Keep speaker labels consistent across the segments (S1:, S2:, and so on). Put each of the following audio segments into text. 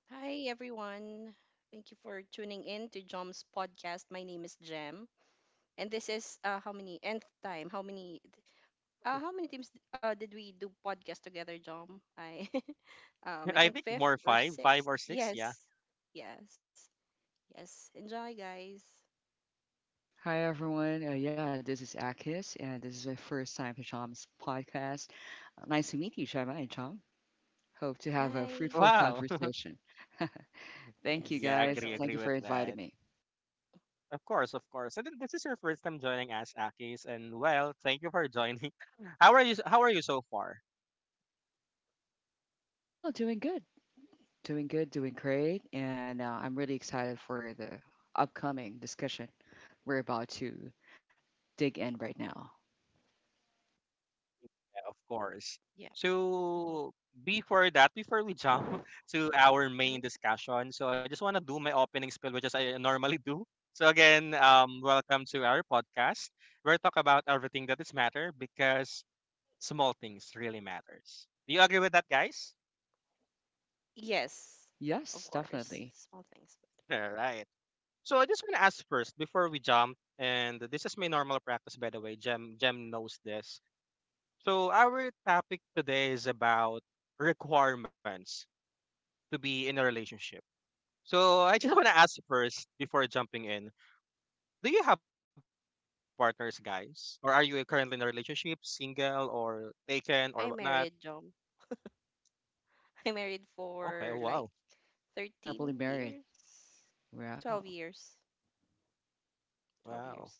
S1: Hi, everyone. Thank you for tuning in to Jom's podcast. My name is Jem, and this is how many nth time? How many? How many times did we do podcast together, Jom? I, I think fifth or sixth. Yes, yes, yes. Enjoy, guys.
S2: Hi everyone. Yeah, this is Akis, and this is my first time to Chom's podcast. Nice to meet you, Gemma and Chom. Hope to have a
S1: Hi.
S2: fruitful conversation. Thank you
S1: Yes, for sure.
S2: guys. Thank you for inviting me. Well, doing good, doing good, doing great, and I'm really excited for the upcoming discussion we're about to dig in right now.
S1: Yeah. hmm hmm Yes, of
S2: Yes,
S1: course.
S2: definitely.
S1: Small things, but I married Jom. I married for like
S2: Happily
S1: 13
S2: married.
S1: years, 12
S2: Wow.
S1: years. 12 years,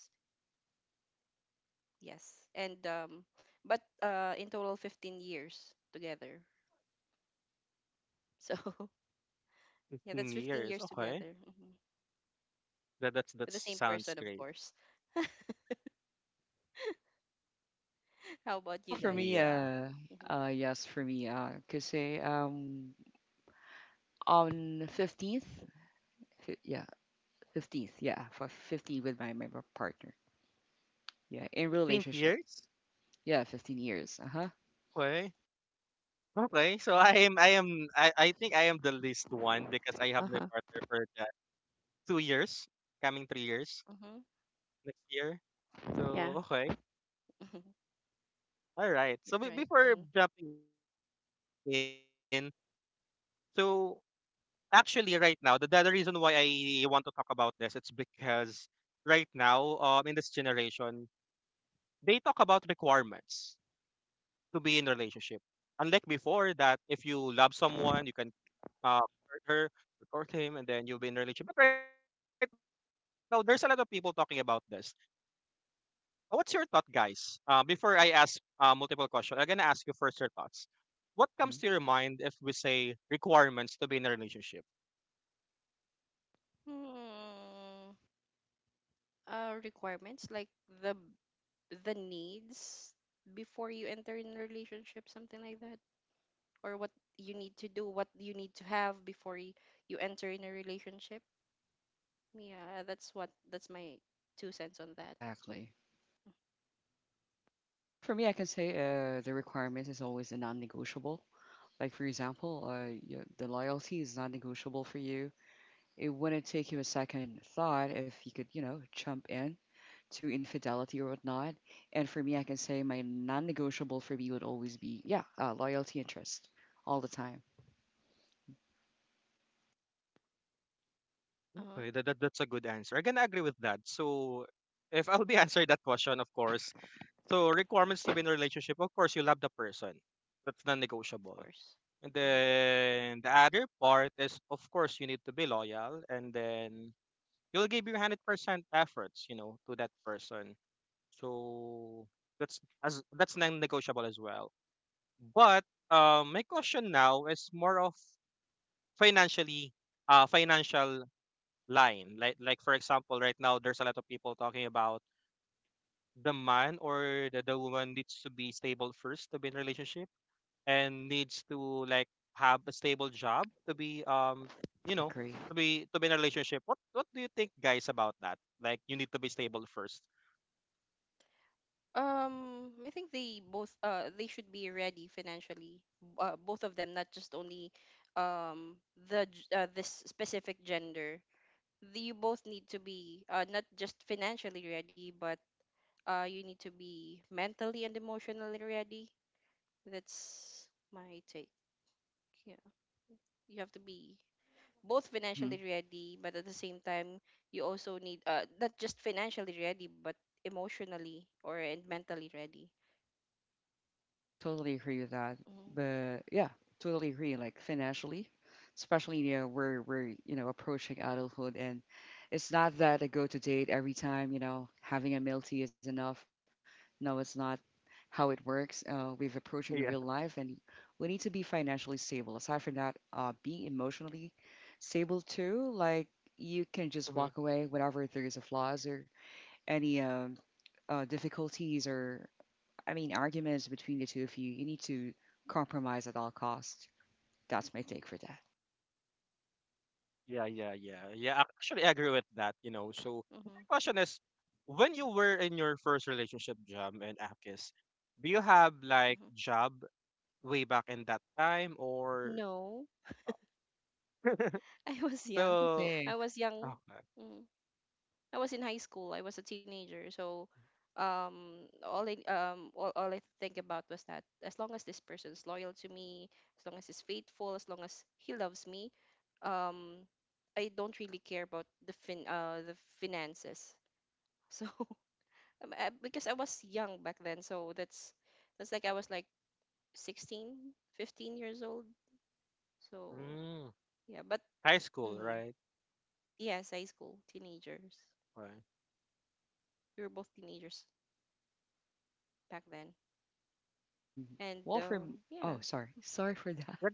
S1: yes. And but in total 15 years together, so yeah, that's 15 years together. Hmm With the same person, of course. How about you
S2: Well, for
S1: guys?
S2: me,
S1: Mm-hmm.
S2: yes, for me, cause say on 15th. Yeah, 15th. Yeah, for 15 with my partner. Yeah, in relationship. Yeah, 15 years. Uh huh.
S1: Uh-huh. Mm-hmm. Yeah. Mhm. That's right. Mm-hmm.
S2: hmm
S1: Hmm. Requirements like the the needs before you enter in a relationship, something like that. Or what you need to do, what you need to have before you enter in a relationship. Yeah, that's what, that's my two cents on that.
S2: Exactly. Well, for me, I can say the requirement is always a non-negotiable. Like for example, the loyalty is non-negotiable for you. It wouldn't take you a second thought if you could, you know, jump in to infidelity or whatnot. And for me, I can say my non-negotiable for me would always be, yeah, loyalty and trust all the time.
S1: Uh-huh. Of course. Hmm
S2: Agree.
S1: I think they both they should be ready financially. Both of them, not just only um this specific gender. You both need to be not just financially ready, but you need to be mentally and emotionally ready. That's my take. Yeah. You have to be both
S2: Mm-hmm.
S1: financially ready, but at the same time, you also need not just financially ready, but emotionally or and mentally ready.
S2: I totally agree with that.
S1: Mm-hmm,
S2: But yeah, totally agree. Like financially, especially you know we're you know approaching adulthood, and it's not that a go-to date every time. You know, having a milk tea is enough. No, it's not how it works. We've approaching the real life, and we need to be financially stable. Aside from that, being emotionally stable too. Like you can just walk away whenever there is a flaws or any difficulties or I mean, arguments between the two of you, you need to compromise at all costs. That's my take for that.
S1: mm-hmm, mm-hmm. No. i was young i
S2: So,
S1: was
S2: mhm.
S1: young Mm. I was in high school. I was a teenager, so all I think about was that as long as this person's loyal to me, as long as he's faithful, as long as he loves me, um, I don't really care about the fin the finances. So because I was young back then, so that's like I was like 16, 15 years old. So yeah, but mm, yes, high school teenagers. We were both teenagers back then. And
S2: well, for
S1: yeah,
S2: m- oh, sorry, sorry for that.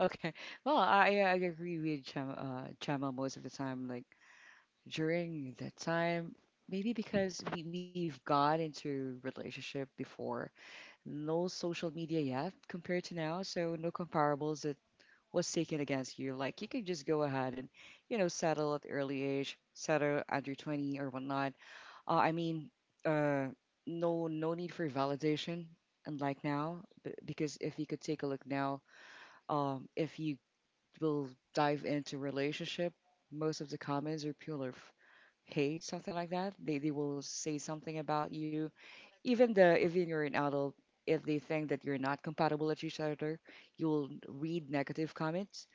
S2: Okay. Well, I agree with Chama, Chama most of the time. Like during that time, maybe because we've got into relationship before, no social media yet compared to now, so no comparables was taken against you. Like you could just go ahead and, you know, settle at early age, settle under 20 or whatnot. Uh, I mean, uh, no, no need for validation, unlike now, because if you could take a look now, if you will dive into relationship, most of the comments are pure of hate, something like that. They will say something about you, even the even you're an adult. If they think that you're not compatible at each other, you'll read negative comments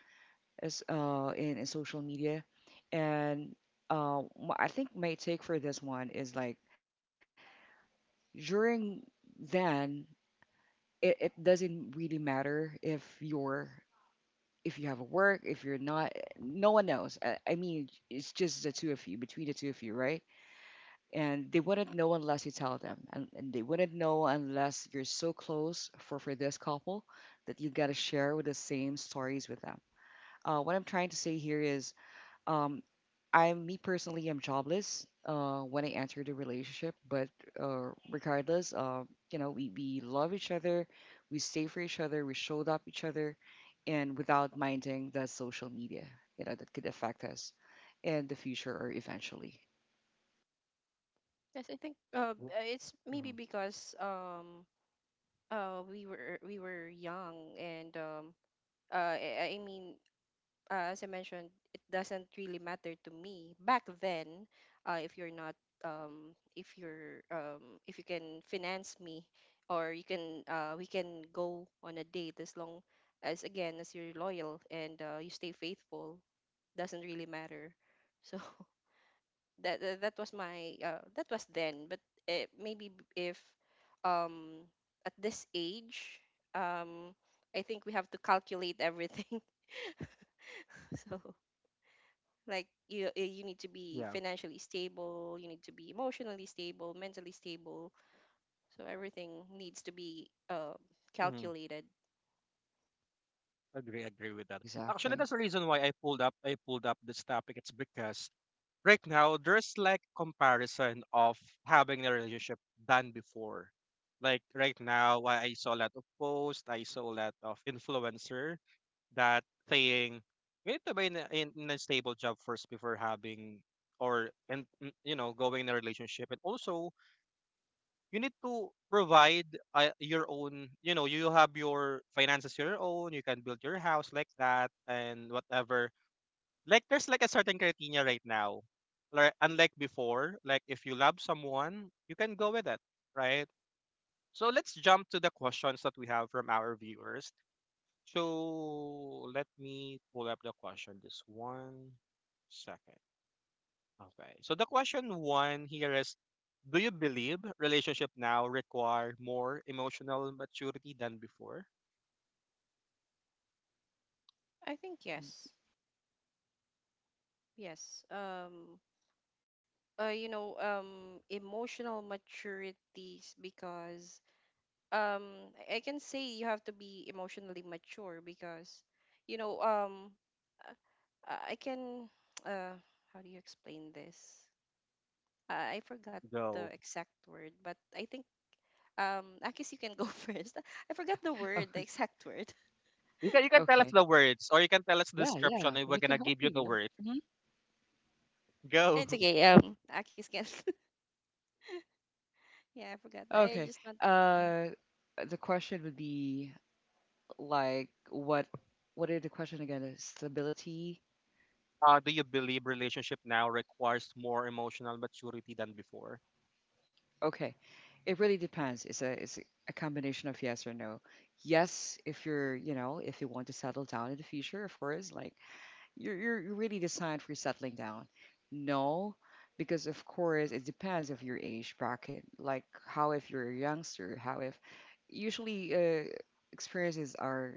S2: as in social media. And I think my take for this one is like during then it doesn't really matter if you're if you have a work if you're not no one knows I mean it's just the two of you between the two of you right and they wouldn't know unless you tell them and they wouldn't know unless you're so close for this couple that you gotta share with the same stories with them what I'm trying to say here is um, I'm me personally, I'm jobless when I entered the relationship, but regardless, you know, we love each other, we stay for each other, we showed up each other, and without minding the social media, you know, that could affect us in the future or eventually.
S1: yes, I think it's maybe because we were young and I mean as I mentioned, it doesn't really matter to me back then. If you're not, if you're, if you can finance me, or you can, we can go on a date, as long as, again, as you're loyal and you stay faithful, doesn't really matter. So that was my that was then, but maybe if um, at this age, um, I think we have to calculate everything. So like you need to be financially stable, you need to be emotionally stable, mentally stable, so everything needs to be calculated.
S2: Exactly.
S1: I think yes. Yes. Emotional maturities, because I can say you have to be emotionally mature, because you know um uh, I can uh how do you explain this? I forgot the exact word, but I think... Akis, you can go first. I forgot the word, the
S2: Okay.
S1: exact word.
S2: Okay. Yeah, yeah, we can help you. Yeah. Mhm.
S1: It's okay. Akis can. Yeah, I forgot. I
S2: Okay.
S1: just want. Mm-hmm.
S2: Uh, the question would be like, what? What is the question again? Stability. Okay. It really depends. It's a combination of yes or no. Yes, if you're you know if you want to settle down in the future, of course, like you're you're really designed for settling down. No, because of course it depends of your age bracket. Like how if you're a youngster, how if usually experiences are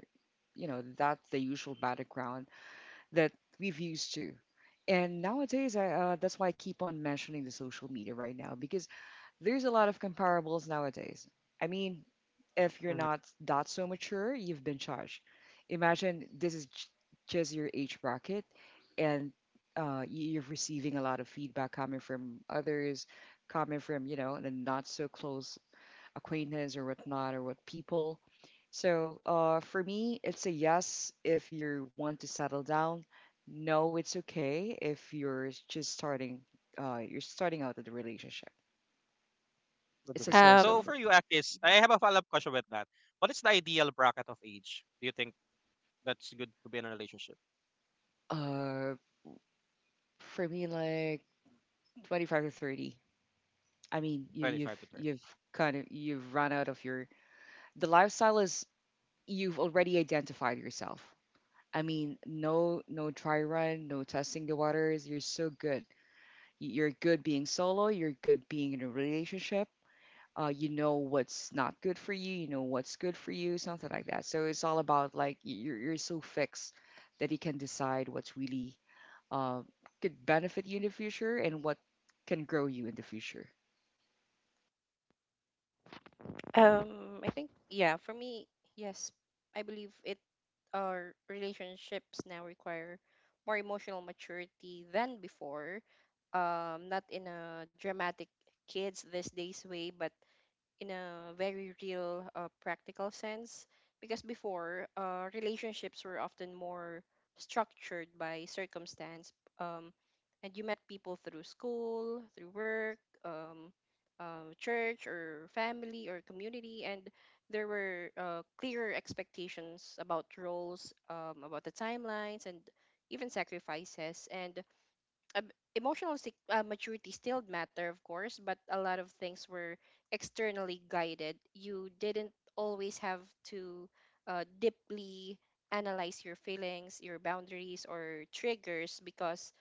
S2: you know that's the usual battleground that we've used to. And nowadays, that's why I keep on mentioning the social media right now because there's a lot of comparables nowadays. I mean, if you're not that so mature, you've been judged. Imagine this is just your age bracket, and you're receiving a lot of feedback coming from others, coming from you know the not so close acquaintance or whatnot or what people. So for me, it's a yes if you want to settle down. No, it's okay if you're just starting. You're starting out of the relationship. It's a so-so.
S1: Um, mm-hmm.
S2: Sure. Uh, for me, like 25 to 30. I mean, you've kind of you've run out of your the lifestyle is you've already identified yourself. I mean, no no try run, no testing the waters. You're so good. You're good being solo. You're good being in a relationship. You know what's not good for you. You know what's good for you. Something like that. So it's all about like you're so fixed that you can decide what's really uh, could benefit you in the future and what can grow you in the future.
S1: I think, yeah, for me, yes, I believe it, our relationships now require more emotional maturity than before. Not in a dramatic kids these days way, but in a very real, practical sense. Because before, relationships were often more structured by circumstance, um, and you met people through school, through work, um, church, or family, or community, and there were clearer expectations about roles, about the timelines, and even sacrifices. And um, emotional maturity still matter, of course, but a lot of things were externally guided. You didn't always have to deeply analyze your feelings, your boundaries, or triggers, because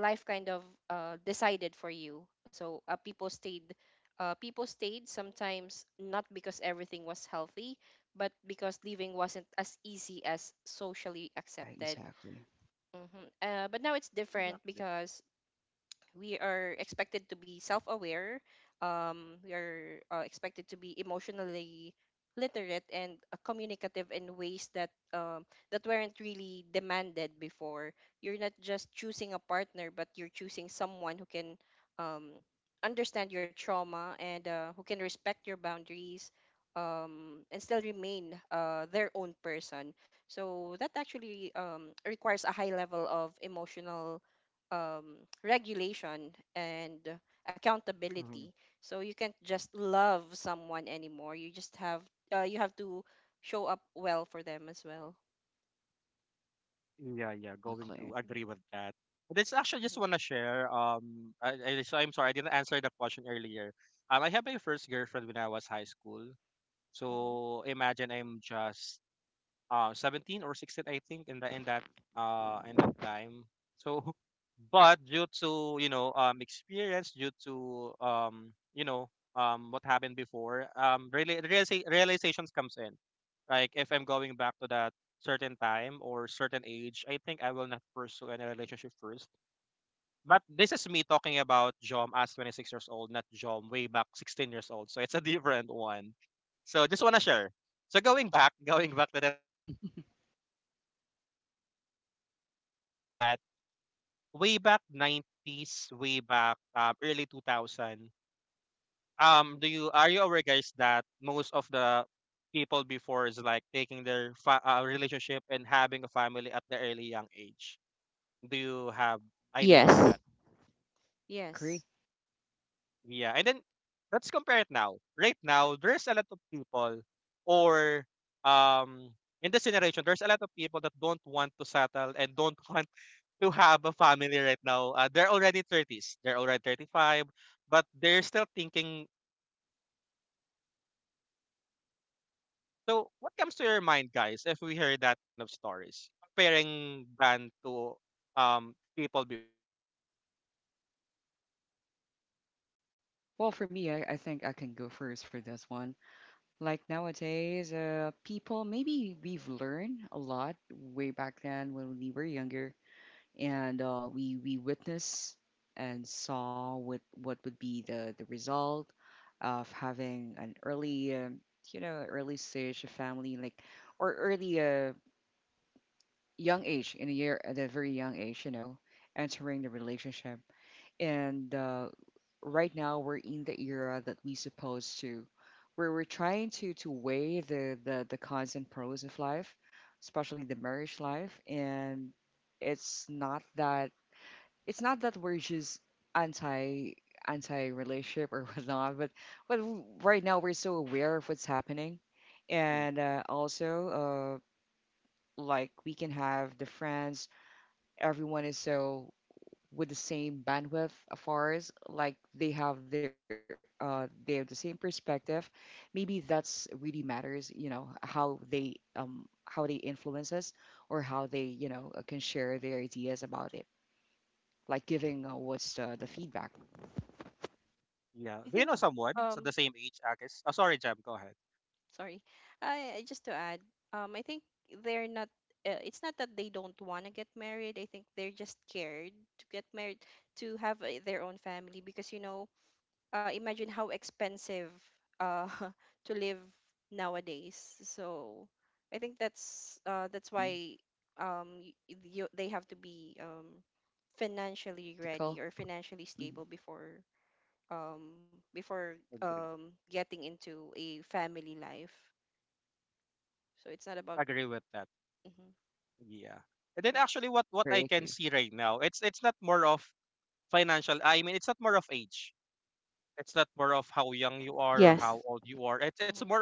S1: life kind of decided for you. So people stayed sometimes, not because everything was healthy, but because living wasn't as easy as socially
S2: Yeah,
S1: accepted.
S2: exactly.
S1: Hmm But now it's different, because we are expected to be self-aware. We are expected to be emotionally literate and communicative in ways that that weren't really demanded before. You're not just choosing a partner, but you're choosing someone who can um, understand your trauma and who can respect your boundaries, and still remain their own person. So that actually requires a high level of emotional um, regulation and accountability. So you can't just love someone anymore. You just have you have to show up well for them as well.
S2: Exactly.
S1: Hmm hmm hmm Yes.
S2: Agree.
S1: Yes,
S2: Well, for me, I think I can go first for this one. Like nowadays, people, maybe we've learned a lot way back then when we were younger, and we witnessed and saw what would be the result of having an early, you know, early stage of family, like or early young age, in a year at a very young age, you know, entering the relationship. And right now we're in the era that we supposed to, where we're trying to weigh the cons and pros of life, especially the marriage life. And it's not that it's not that we're just anti anti relationship or whatnot, but right now we're so aware of what's happening, and also like we can have the friends everyone is so with the same bandwidth of ours, like they have their they have the same perspective. Maybe that's really matters, you know, how they influence us or how they, you know, can share their ideas about it. Like giving what's the feedback.
S1: I think. Um, Sorry, just to add. I think they're not. It's not that they don't want to get married. I think they're just scared to get married, to have their own family, because imagine how expensive uh, to live nowadays. So I think that's
S2: Hmm
S1: why um, you, they have to be financially
S2: Practical.
S1: ready or financially
S2: Hmm
S1: stable before getting into a family life. So it's not about... hmm Yes.
S2: Agree, agree.
S1: Yes. hmm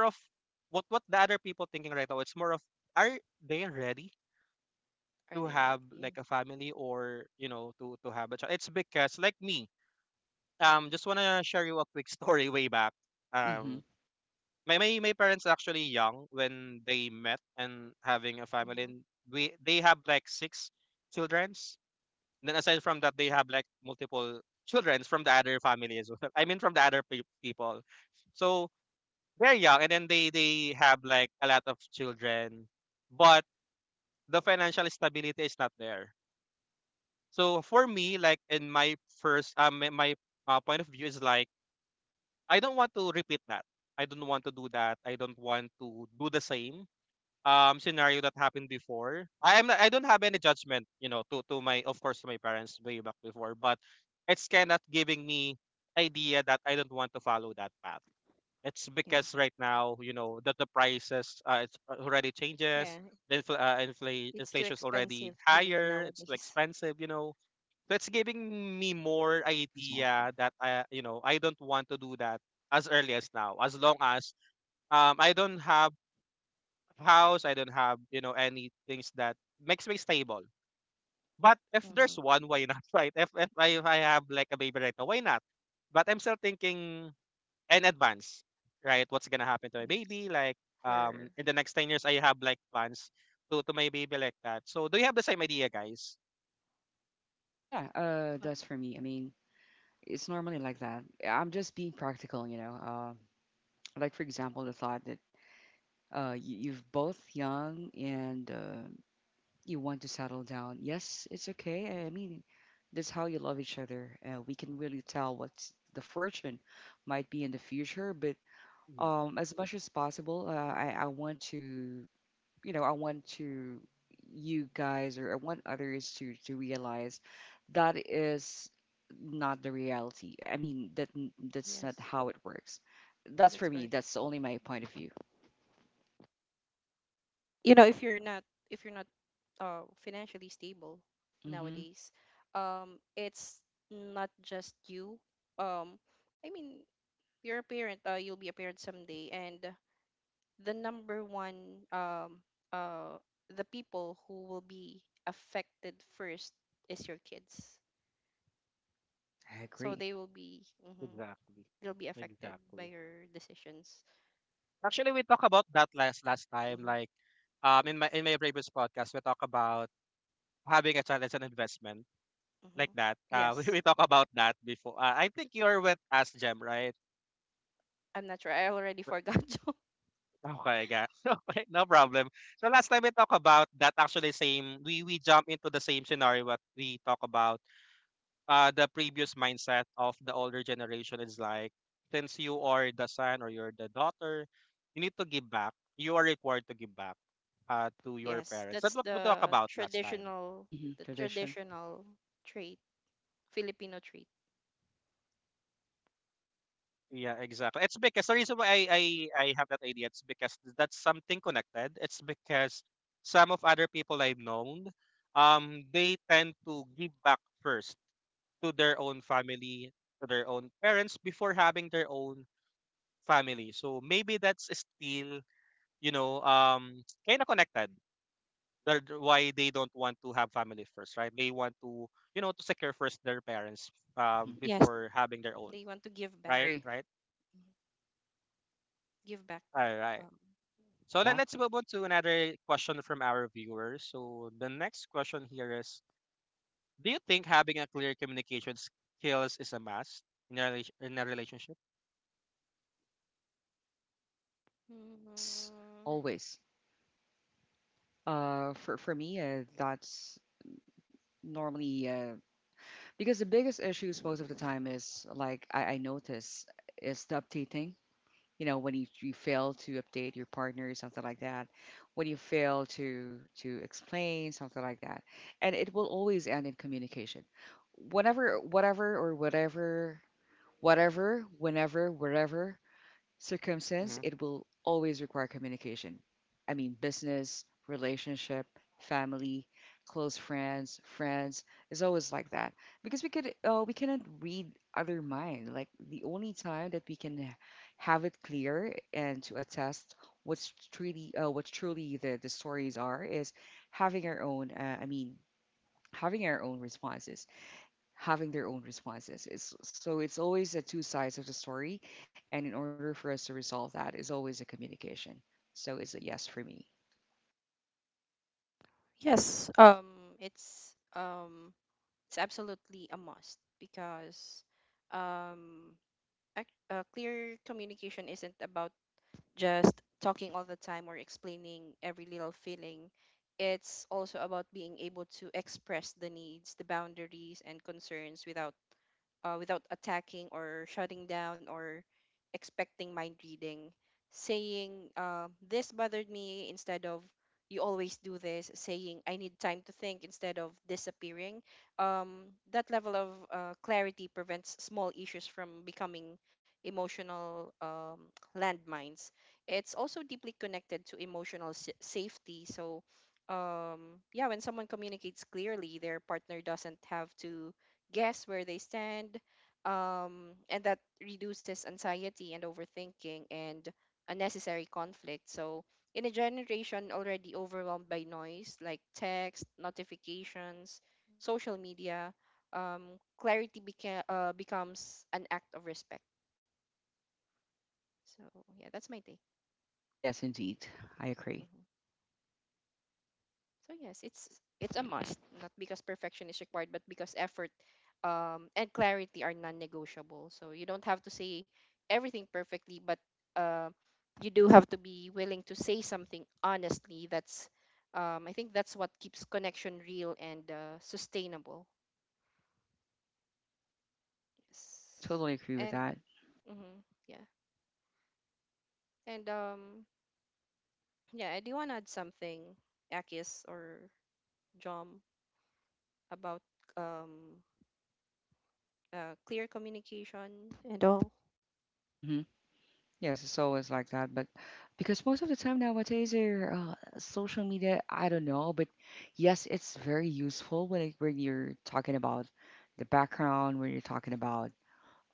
S1: Are they ready? Yeah.
S2: Hmm
S1: Mm-hmm. Yeah. Yeah. It's too expensive to live nowadays.
S2: Exactly.
S1: hmm Yes. For...
S2: Yeah,
S1: Well,
S2: that's for me. I mean, it's normally like that. I'm just being practical, you know. Like for example, the thought that you've both young and you want to settle down. Yes, it's okay. I mean, that's how you love each other. We can really tell what the fortune might be in the future, but as much as possible, I want to, you know, I want to you guys or I want others to realize that is not the reality. I mean, that that's not
S1: yes,
S2: how it works. That's
S1: that's
S2: for
S1: correct.
S2: me. That's only my point of view.
S1: You know, if you're not financially stable
S2: Hmm
S1: nowadays, it's not just you. Um, I mean, you're a parent. You'll be a parent someday, and the number one, uh the people who will be affected first is your kids.
S2: I
S1: So
S2: agree.
S1: they will be, mm-hmm, they'll be affected by your decisions. Mm-hmm, mm-hmm. Yes, I'm not sure. I already forgot. Yes, that's the traditional,
S2: Hmm
S1: the
S2: Tradition.
S1: traditional trait, Filipino trait.
S2: Hmm
S1: Yes, they want to give back.
S2: Agree.
S1: Mhm. Give back. Um,
S2: Exactly. Yes.
S1: mm,
S2: Always. For me, that's normally because the biggest issues most of the time is like I notice is the updating. You know, when you fail to update your partner, something like that. When you fail to explain something like that, and it will always end in communication. Whenever, whatever, or whatever, whatever, whenever, wherever circumstance, it will always require communication. I mean, business, relationship, family, close friends, friends is always like that because we cannot read other mind. Like the only time that we can have it clear and to attest what's truly what truly the stories are is having our own. Having our own responses having their own responses. It's, so it's always the two sides of the story. And in order for us to resolve that is always a communication. So it's a yes for me.
S1: yes, it's it's absolutely a must, because um clear communication isn't about just talking all the time or explaining every little feeling. It's also about being able to express the needs, the boundaries, and concerns without without attacking or shutting down or expecting mind reading, saying, "This bothered me," instead of "you always do this," saying, "I need time to think," instead of disappearing. That level of clarity prevents small issues from becoming emotional landmines. It's also deeply connected to emotional safety. So, yeah, when someone communicates clearly, their partner doesn't have to guess where they stand, and that reduces anxiety and overthinking and unnecessary conflict. So, in a generation already overwhelmed by noise, like text, notifications, social media, clarity becomes an act of respect. So, yeah, that's my take.
S2: Yes, indeed. I agree.
S1: Mm-hmm. So yes, it's a must, not because perfection is required, but because effort and clarity are non-negotiable. So you don't have to say everything perfectly, but uh, you do have to be willing to say something honestly. That's I think that's what keeps connection real and sustainable.
S2: Yeah, I
S1: Yes,
S2: totally agree with
S1: and
S2: that.
S1: mhm, yeah, and yeah, I do want to add something, Akis or Jom, about um, clear communication and all.
S2: Hmm Yes, it's always like that. But because most of the time nowadays, they're, social media, I don't know. But yes, it's very useful when, it, when you're talking about the background, when you're talking about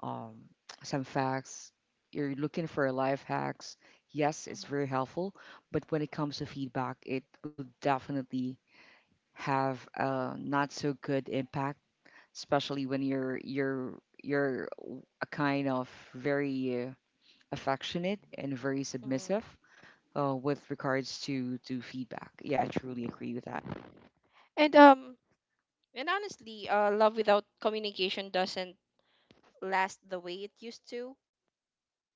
S2: um, some facts. You're looking for life hacks. Yes, it's
S1: Mhm,
S2: very helpful, but when it comes to feedback, it will definitely have a not so good impact, especially when you're you're a kind of very affectionate and very
S1: mhm.
S2: submissive with regards to feedback. Yeah, I truly agree with that.
S1: And and honestly, love without communication doesn't last the way it used to.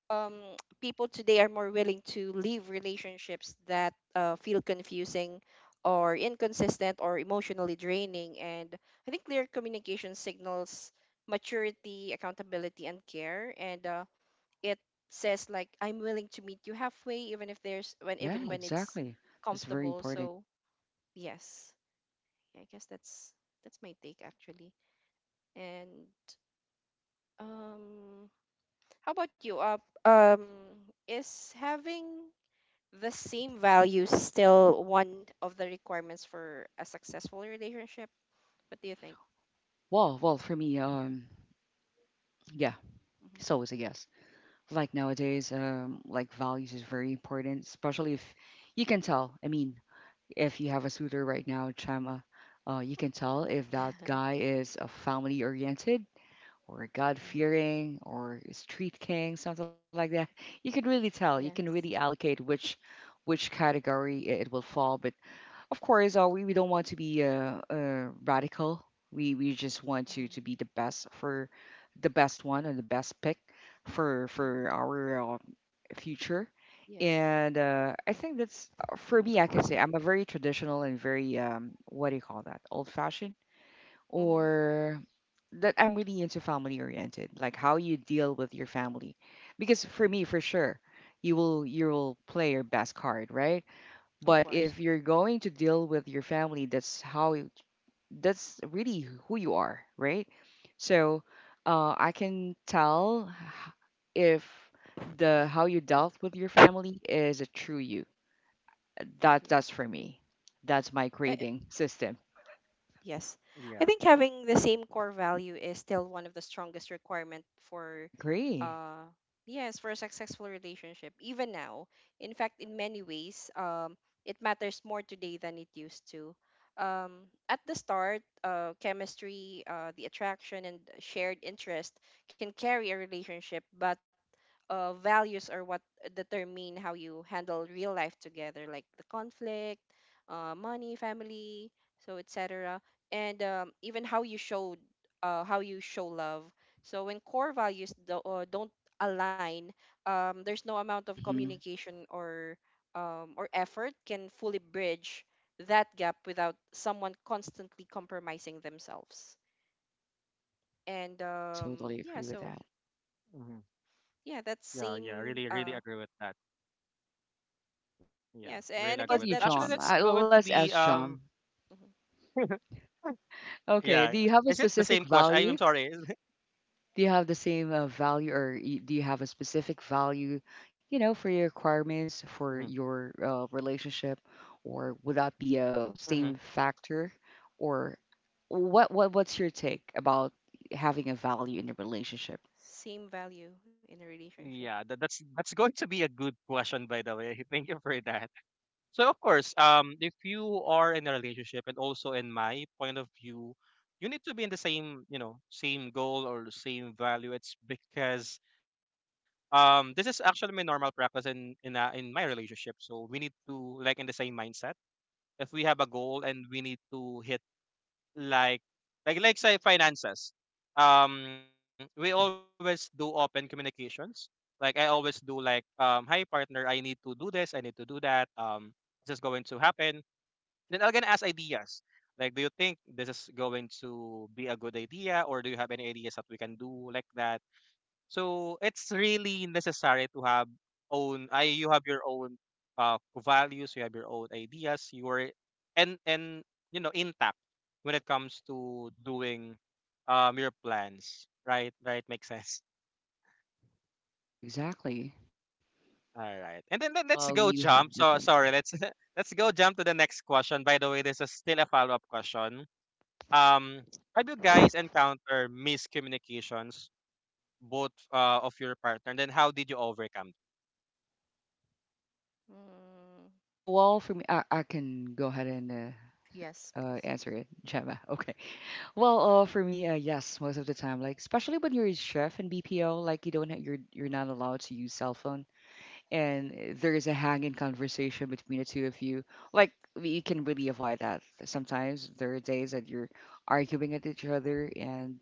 S1: um, People today are more willing to leave relationships that feel confusing or inconsistent or emotionally draining. And I think clear communication signals maturity, accountability, and care. And it says, like, I'm willing to meet you halfway, even if there's, when even
S2: Yeah,
S1: when it's
S2: exactly. It's very
S1: comfortable.
S2: important.
S1: So yes, yeah, I guess that's my take, actually. And um, how about you? Um, is having the same values still one of the requirements for a successful relationship? What do you think?
S2: Well, well, for me, yeah,
S1: Mhm,
S2: it's always a yes. Like nowadays like values is very important especially if you can tell I mean if you have a suitor right now Chama you can tell if that guy is a family oriented or God
S1: mhm.
S2: fearing or a street king something like that you can really tell you can really
S1: Yes.
S2: allocate which category it, it will fall but of course, we don't want to be radical. We just want to
S1: Mhm,
S2: be the best for the best one and the best pick for
S1: mhm.
S2: for our future.
S1: Yes.
S2: And I think that's for me. I can say I'm a very traditional and very what do you call that? Old fashioned
S1: hmm
S2: or that I'm really into family oriented, like how you deal with your family. Because for me, for sure, you will play your best card, right?
S1: Of
S2: But
S1: course.
S2: if you're going to deal with your family, that's how you, that's really who you are, right? So I
S1: Yes.
S2: can tell if the how you dealt with your family is a true you. That's
S1: Yes.
S2: for me. That's my
S1: I,
S2: grading system.
S1: yes. I think
S3: Yeah.
S1: having the same core value is still one of the strongest requirement for
S2: Agree.
S1: uh yes, for a successful relationship even now. In fact, in many ways, it matters more today than it used to. At the start, chemistry, the attraction and shared interest can carry a relationship, but values are what determine how you handle real life together, like the conflict, money, family, so etc. And even how you show, how you show love. So when core values do, don't align, there's no amount of
S2: Hmm
S1: communication or or effort can fully bridge that gap without someone constantly compromising themselves. And
S2: I totally
S1: yeah,
S2: agree with
S1: so
S2: that.
S3: hmm Yeah,
S1: yeah,
S3: yeah,
S1: that
S3: really
S1: same
S3: agree with that. Yeah, really agree with
S1: Yes,
S3: that.
S1: and
S3: Actually,
S1: I
S2: How
S1: guess
S2: about
S3: that's
S2: you,
S3: going
S1: that's,
S3: to
S2: John?
S3: be
S2: Let's ask John.
S1: mhm,
S3: yeah. Is
S2: Okay,
S3: it
S2: do
S3: the
S2: you
S3: same
S2: have a
S3: question? I am
S2: specific
S3: sorry.
S2: value do you have the same value or do you have a specific value, you know, for your requirements for
S3: Mm-hmm.
S2: your relationship, or would that be a
S3: Mm-hmm.
S2: same factor, or what's your take about having a value in a relationship?
S1: same value in a relationship.
S3: Yeah, that's going to be a good question, by the way. Thank you for that. So of course, if you are in a relationship, and also in my point of view, you need to be in the same, you know, same goal or same value. It's because this is actually my normal practice in in my relationship. So we need to like in the same mindset. If we have a goal and we need to hit like like say finances, we always do
S2: Exactly.
S3: open communications. Like I always do like hi partner, I need to do this, I need to do that. This is going to happen then I'm gonna ask ideas. Like, do you think this is going to be a good idea, or do you have any ideas that we can do like that? So it's really necessary to have own. I You have your own uh values, you have your own ideas, your and you know intact when it comes to doing your plans. Right, right, makes sense.
S2: Yeah, exactly.
S3: All right, and then let's
S2: Uh,
S3: go
S2: you have
S3: jump. So
S2: different.
S3: sorry, let's let's go jump to the next question. By the way, this is still a follow up question. Um, have you guys encountered miscommunications both of your partner? And then how did you overcome?
S1: Mm,
S2: Oh, well, for me, I can go ahead and
S1: yes, please.
S2: answer it, Gemma. Okay. Well, for me, yes, most of the time, like especially when you're a chef in BPO, like you don't you're not allowed to use cell phone, and there is a hanging conversation between the two of you. Like you can really avoid that. Sometimes there are days that you're arguing at each other, and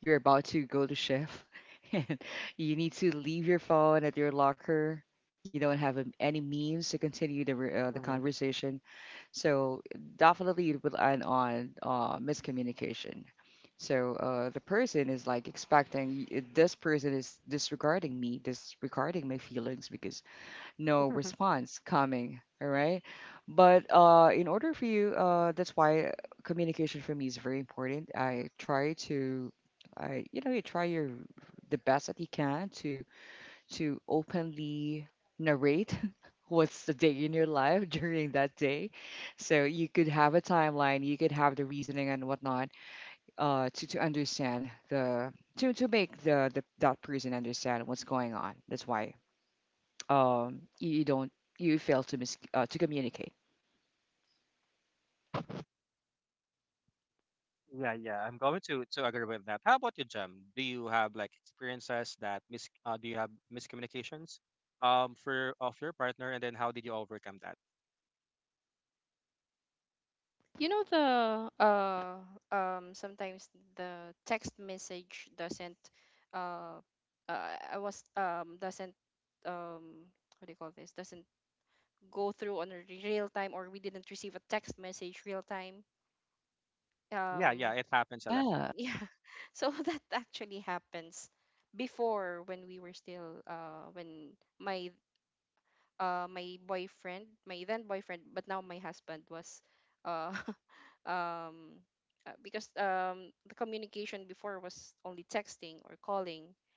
S2: you're about to go to shift, and you need to leave your phone at your locker. You don't have any means to continue the the
S3: Mhm.
S2: conversation, so definitely it will end on miscommunication. So the person is like expecting this person is disregarding me, disregarding my feelings because no response coming. All right. But in order for you, that's why communication for me is very important. I, you know, you try your the best that you can to openly narrate what's the day in your life during that day. So you could have a timeline, you could have the reasoning and whatnot to understand the to make the that person understand what's going on. That's why you you don't you fail to to communicate.
S3: Yeah, yeah, I'm going to agree with that. How about you, Jem? Do you have like experiences that mis do you have miscommunications for of your partner and then how did you overcome that?
S1: You know the uh Sometimes the text message doesn't uh, uh I was doesn't um what do you call this doesn't go through on a real time, or we didn't receive a text message real time.
S3: Yeah, yeah,
S1: um
S3: it happens a lot.
S2: Yeah,
S1: yeah, so that actually happens. Before, when we were still when my my boyfriend, my then boyfriend, but now my husband was, uh, um, because the communication before was only texting or calling.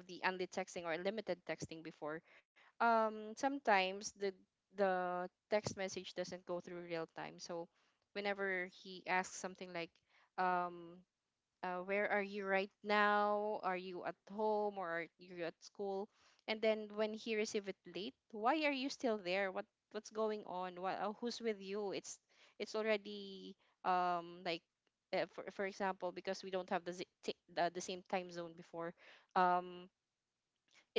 S1: We have the only texting or limited texting before. Sometimes the text message doesn't go through real time. So whenever he asks something like, um, where are you right now? Are you at home or are you at school? And then when he receive it late, why are you still there? What's going on? What Who's with you? It's already, um like for example, because we don't have the the same time zone before. um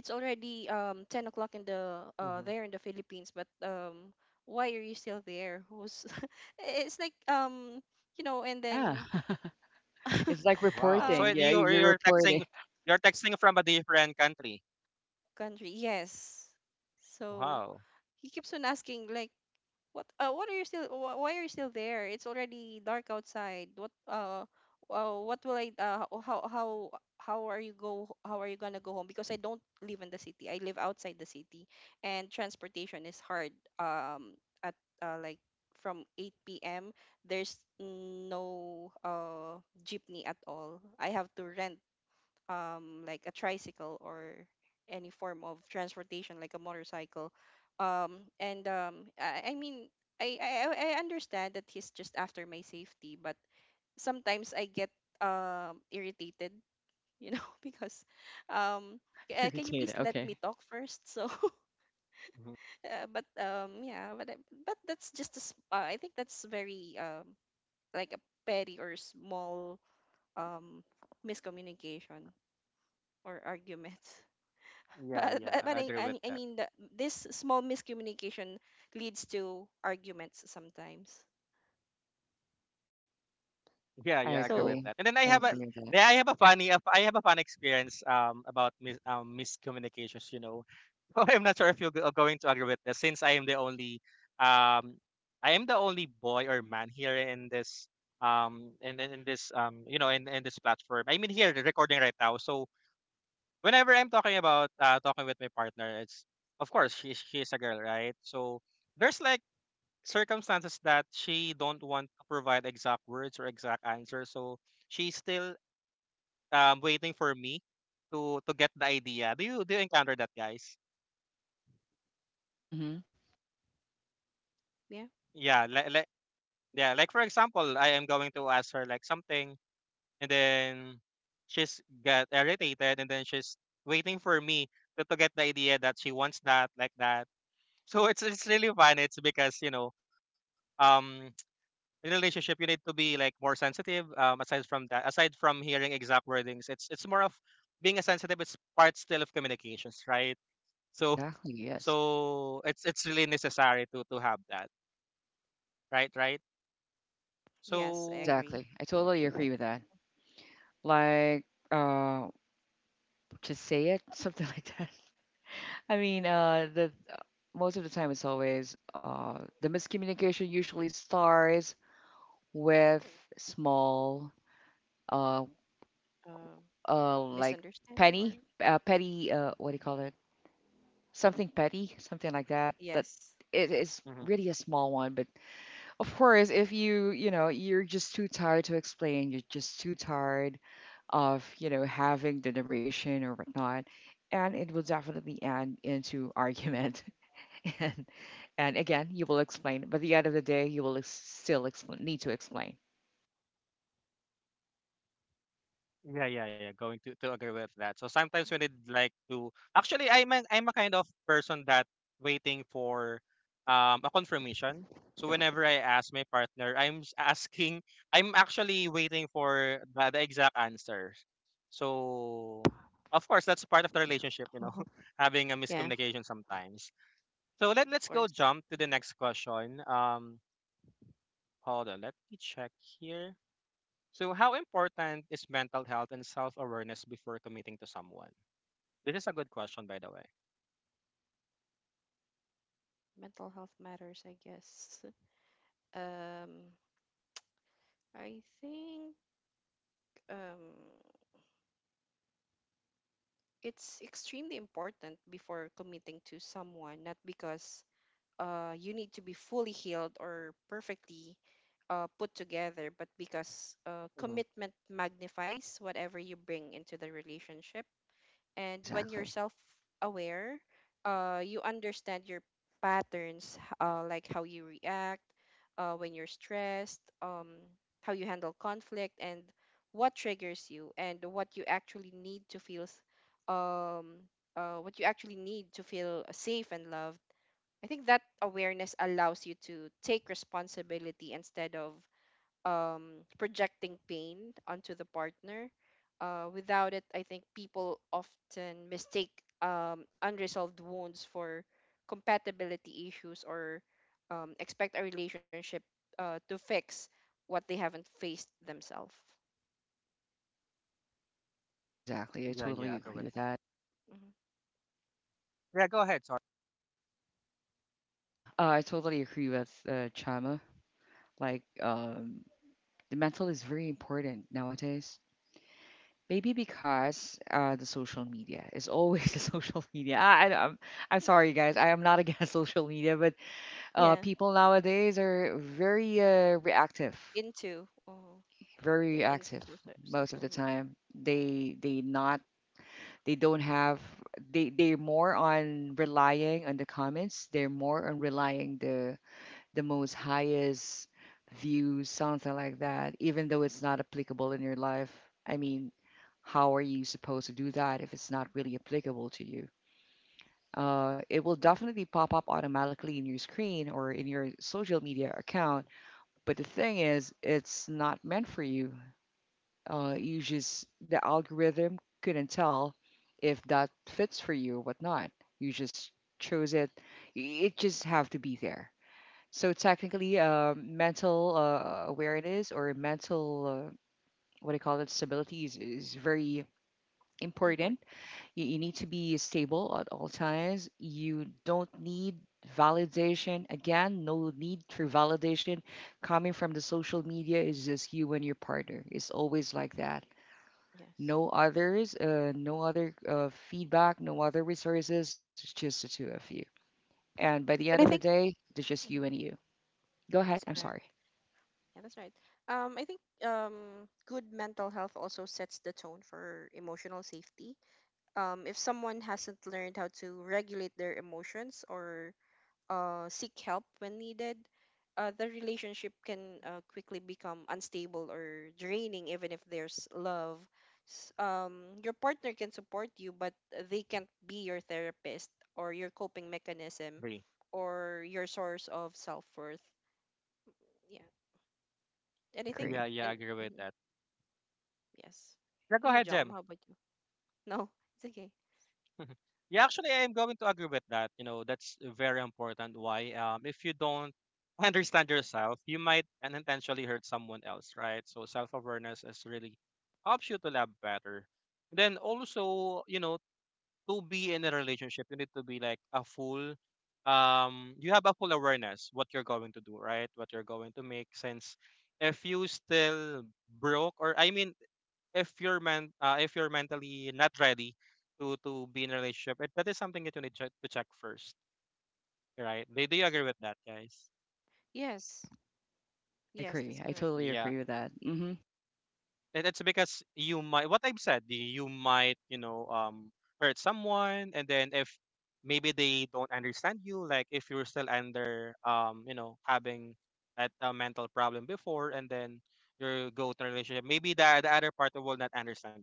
S1: it's already, 10 o'clock in the
S3: hmm
S1: there in the Philippines, but why are you still there, who's... it's like and
S2: yeah.
S1: then,
S2: It's
S3: Wow.
S2: like
S3: You
S2: reporting.
S1: um,
S3: you're
S2: Yeah, you- you're
S3: texting,
S2: reporting.
S3: you're texting from a different country.
S1: country. Yes. So
S3: Wow.
S1: he keeps on asking like, what are you still wh- why are you still there? It's already dark outside. What will I ho- how are you gonna go home? Because I don't live in the city. I live outside the city, and transportation is hard. Um at like From 8 p.m. there's no jeepney at all. I have to rent, a tricycle, or any form of transportation like a motorcycle. And I mean I understand that he's just after my safety, but sometimes I get, irritated, because um,
S2: You're
S1: can you please
S2: irritated.
S1: let me
S2: Okay,
S1: talk first? So
S3: Mhm.
S1: but yeah, but that's just I think that's very, like a petty or small, um, miscommunication or argument.
S3: Yeah,
S1: But
S3: yeah,
S1: but, but
S3: I
S1: I,
S3: agree with
S1: I I
S3: that.
S1: mean that this small miscommunication leads to arguments sometimes.
S3: Yeah,
S2: I
S3: yeah, I agree
S1: So
S3: with
S2: agree.
S3: that. And then I
S2: I
S1: mhm,
S3: have a
S2: agree with that.
S3: yeah, I have a funny I have a fun experience about miscommunications, you know. I'm not sure if you're going to agree with this since I am the only um I am the only boy or man here in this in this you know in this platform. I mean here recording right now. So whenever I'm talking about talking with my partner, it's of course she's a girl, right? So there's like circumstances that she don't want to provide exact words or exact answer, so she's still waiting for me to get the idea. Do you do you encounter that, guys?
S2: Mm-hmm.
S1: yeah.
S3: Yeah like, yeah, like for example I am going to ask her like something, and then she's get irritated, and then she's waiting for me to get the idea that she wants that like that. So it's really fun. It's because you know, um in a relationship you need to be like more sensitive, aside from that, aside from hearing exact wordings. It's more of being a sensitive. It's part still of communications, right? so
S2: Exactly. Yes.
S3: so it's really necessary to have that. Right, right.
S1: Yes, I
S3: So
S2: Exactly.
S1: agree.
S2: I totally agree with that. Like, uh to say it something like that, I mean, the most of the time, it's always the miscommunication usually starts with small uh
S1: Um,
S2: like
S1: Misunderstanding. Or
S2: penny, petty, uh, what do you call it, something petty, something like that, that
S1: yes.
S2: it is
S3: mhm.
S2: really a small one. But of course, if you, you know, you're just too tired to explain, you're just too tired of, you know, having the narration or whatnot, and it will definitely end into argument. And and again, you will explain. But at the end of the day, you will still explain, need to explain.
S3: Yeah, yeah, yeah. Going to agree with that. So sometimes we need like to, actually I'm I'm a kind of person that waiting for a confirmation. So whenever I ask my partner, asking I'm actually waiting for the exact answer. So of course that's part of the relationship, you know,
S1: Uh-huh.
S3: having a
S1: Yeah,
S3: miscommunication sometimes. So
S1: of
S3: let's go
S1: course.
S3: jump to the
S1: Mhm.
S3: next question. Um, hold on, let me check here. So, how important is mental health and self awareness before committing to someone? This is a good question, by the way.
S1: Mental health matters, I guess. Um, I think, um, it's extremely important before committing to someone, not because you need to be fully healed or perfectly put together, but because
S3: hmm
S1: commitment magnifies whatever you bring into the relationship. And when you're
S2: Exactly.
S1: self aware, you understand your patterns, like how you react when you're stressed, how you handle conflict, and what triggers you, and what you actually need to feel. What you actually need to feel safe and loved, I think that awareness allows you to take responsibility instead of, projecting pain onto the partner. Without it, I think people often mistake unresolved wounds for compatibility issues, or expect a relationship to fix what they haven't faced themselves.
S2: Exactly. I
S3: Yeah,
S2: totally
S3: yeah, I agree
S1: And
S2: agree
S3: with
S2: with
S3: that.
S2: that.
S1: mhm.
S3: Yeah, go ahead. Sorry.
S2: Yeah, I totally agree with Chama. Like, the mental is very important nowadays. Maybe because the social media is always the social media. I'm sorry, guys. I am not against social media, but
S1: Yeah,
S2: people nowadays are very reactive,
S1: into, oh,
S2: very
S1: they're into
S2: reactive
S1: social
S2: most of the
S1: social media.
S2: time. They not they don't have they're more on relying on the comments. They're more on relying the most highest views, something like that. Even though it's not applicable in your life. I mean, how are you supposed to do that if it's not really applicable to you? It will
S1: hmm.
S2: definitely pop up automatically in your screen or in your social media account. But the thing is, it's not meant for you. You just, the algorithm couldn't tell if that fits for you or whatnot. You just chose it. It just have to be there. So technically, mental awareness or mental, what I call it, stability is very
S1: Important.
S2: important. You
S1: hmm.
S2: need to be stable at all times. You don't need validation. Again, no need for validation coming from the social media is just you and your partner. It's always like that.
S1: Yes.
S2: No others, no other feedback, no other resources, it's just the two of you. And by the end of
S1: And I
S2: the
S1: think...
S2: day, it's just you and you. Go ahead.
S1: That's
S2: I'm
S1: correct.
S2: sorry.
S1: Yeah, that's right. I think, good mental health also sets the tone for emotional safety. If someone hasn't learned how to regulate their emotions, or seek help when needed, the relationship can quickly become unstable or draining, even if there's love. Your partner can support you, but they can't be your therapist, or your coping mechanism,
S3: Agree.
S1: or your source of self worth.
S2: I
S1: Anything?
S3: Yeah,
S2: agree.
S3: yeah, I
S1: And
S3: agree with
S1: mhm,
S3: that.
S1: yes.
S3: Yeah, go
S1: You,
S3: ahead,
S1: John,
S3: Jem.
S1: how about you? No, it's okay.
S3: Yeah, actually, I am going to agree with that. You know, that's very important. Why? If you don't understand yourself, you might unintentionally hurt someone else, right? So, self awareness is really helps you to love better. Then also, you know, to be in a relationship, you need to be like a full you have a full awareness what you're going to do, right? What you're going to make since if you still broke or I mean if you're men if you're mentally not ready to be in a relationship, that is something that you need to check first, right? They Do you agree with that, guys?
S1: Yes.
S2: I
S1: Yes, that's
S2: agree. I
S1: correct.
S2: totally
S3: Yeah.
S2: agree with that. Hmm
S3: And it's because you might, what I've said, you might, you know, hurt someone, and then if maybe they don't understand you, like if you're still under, you know, having that mental problem before, and then you go to a relationship, maybe the other party will not understand.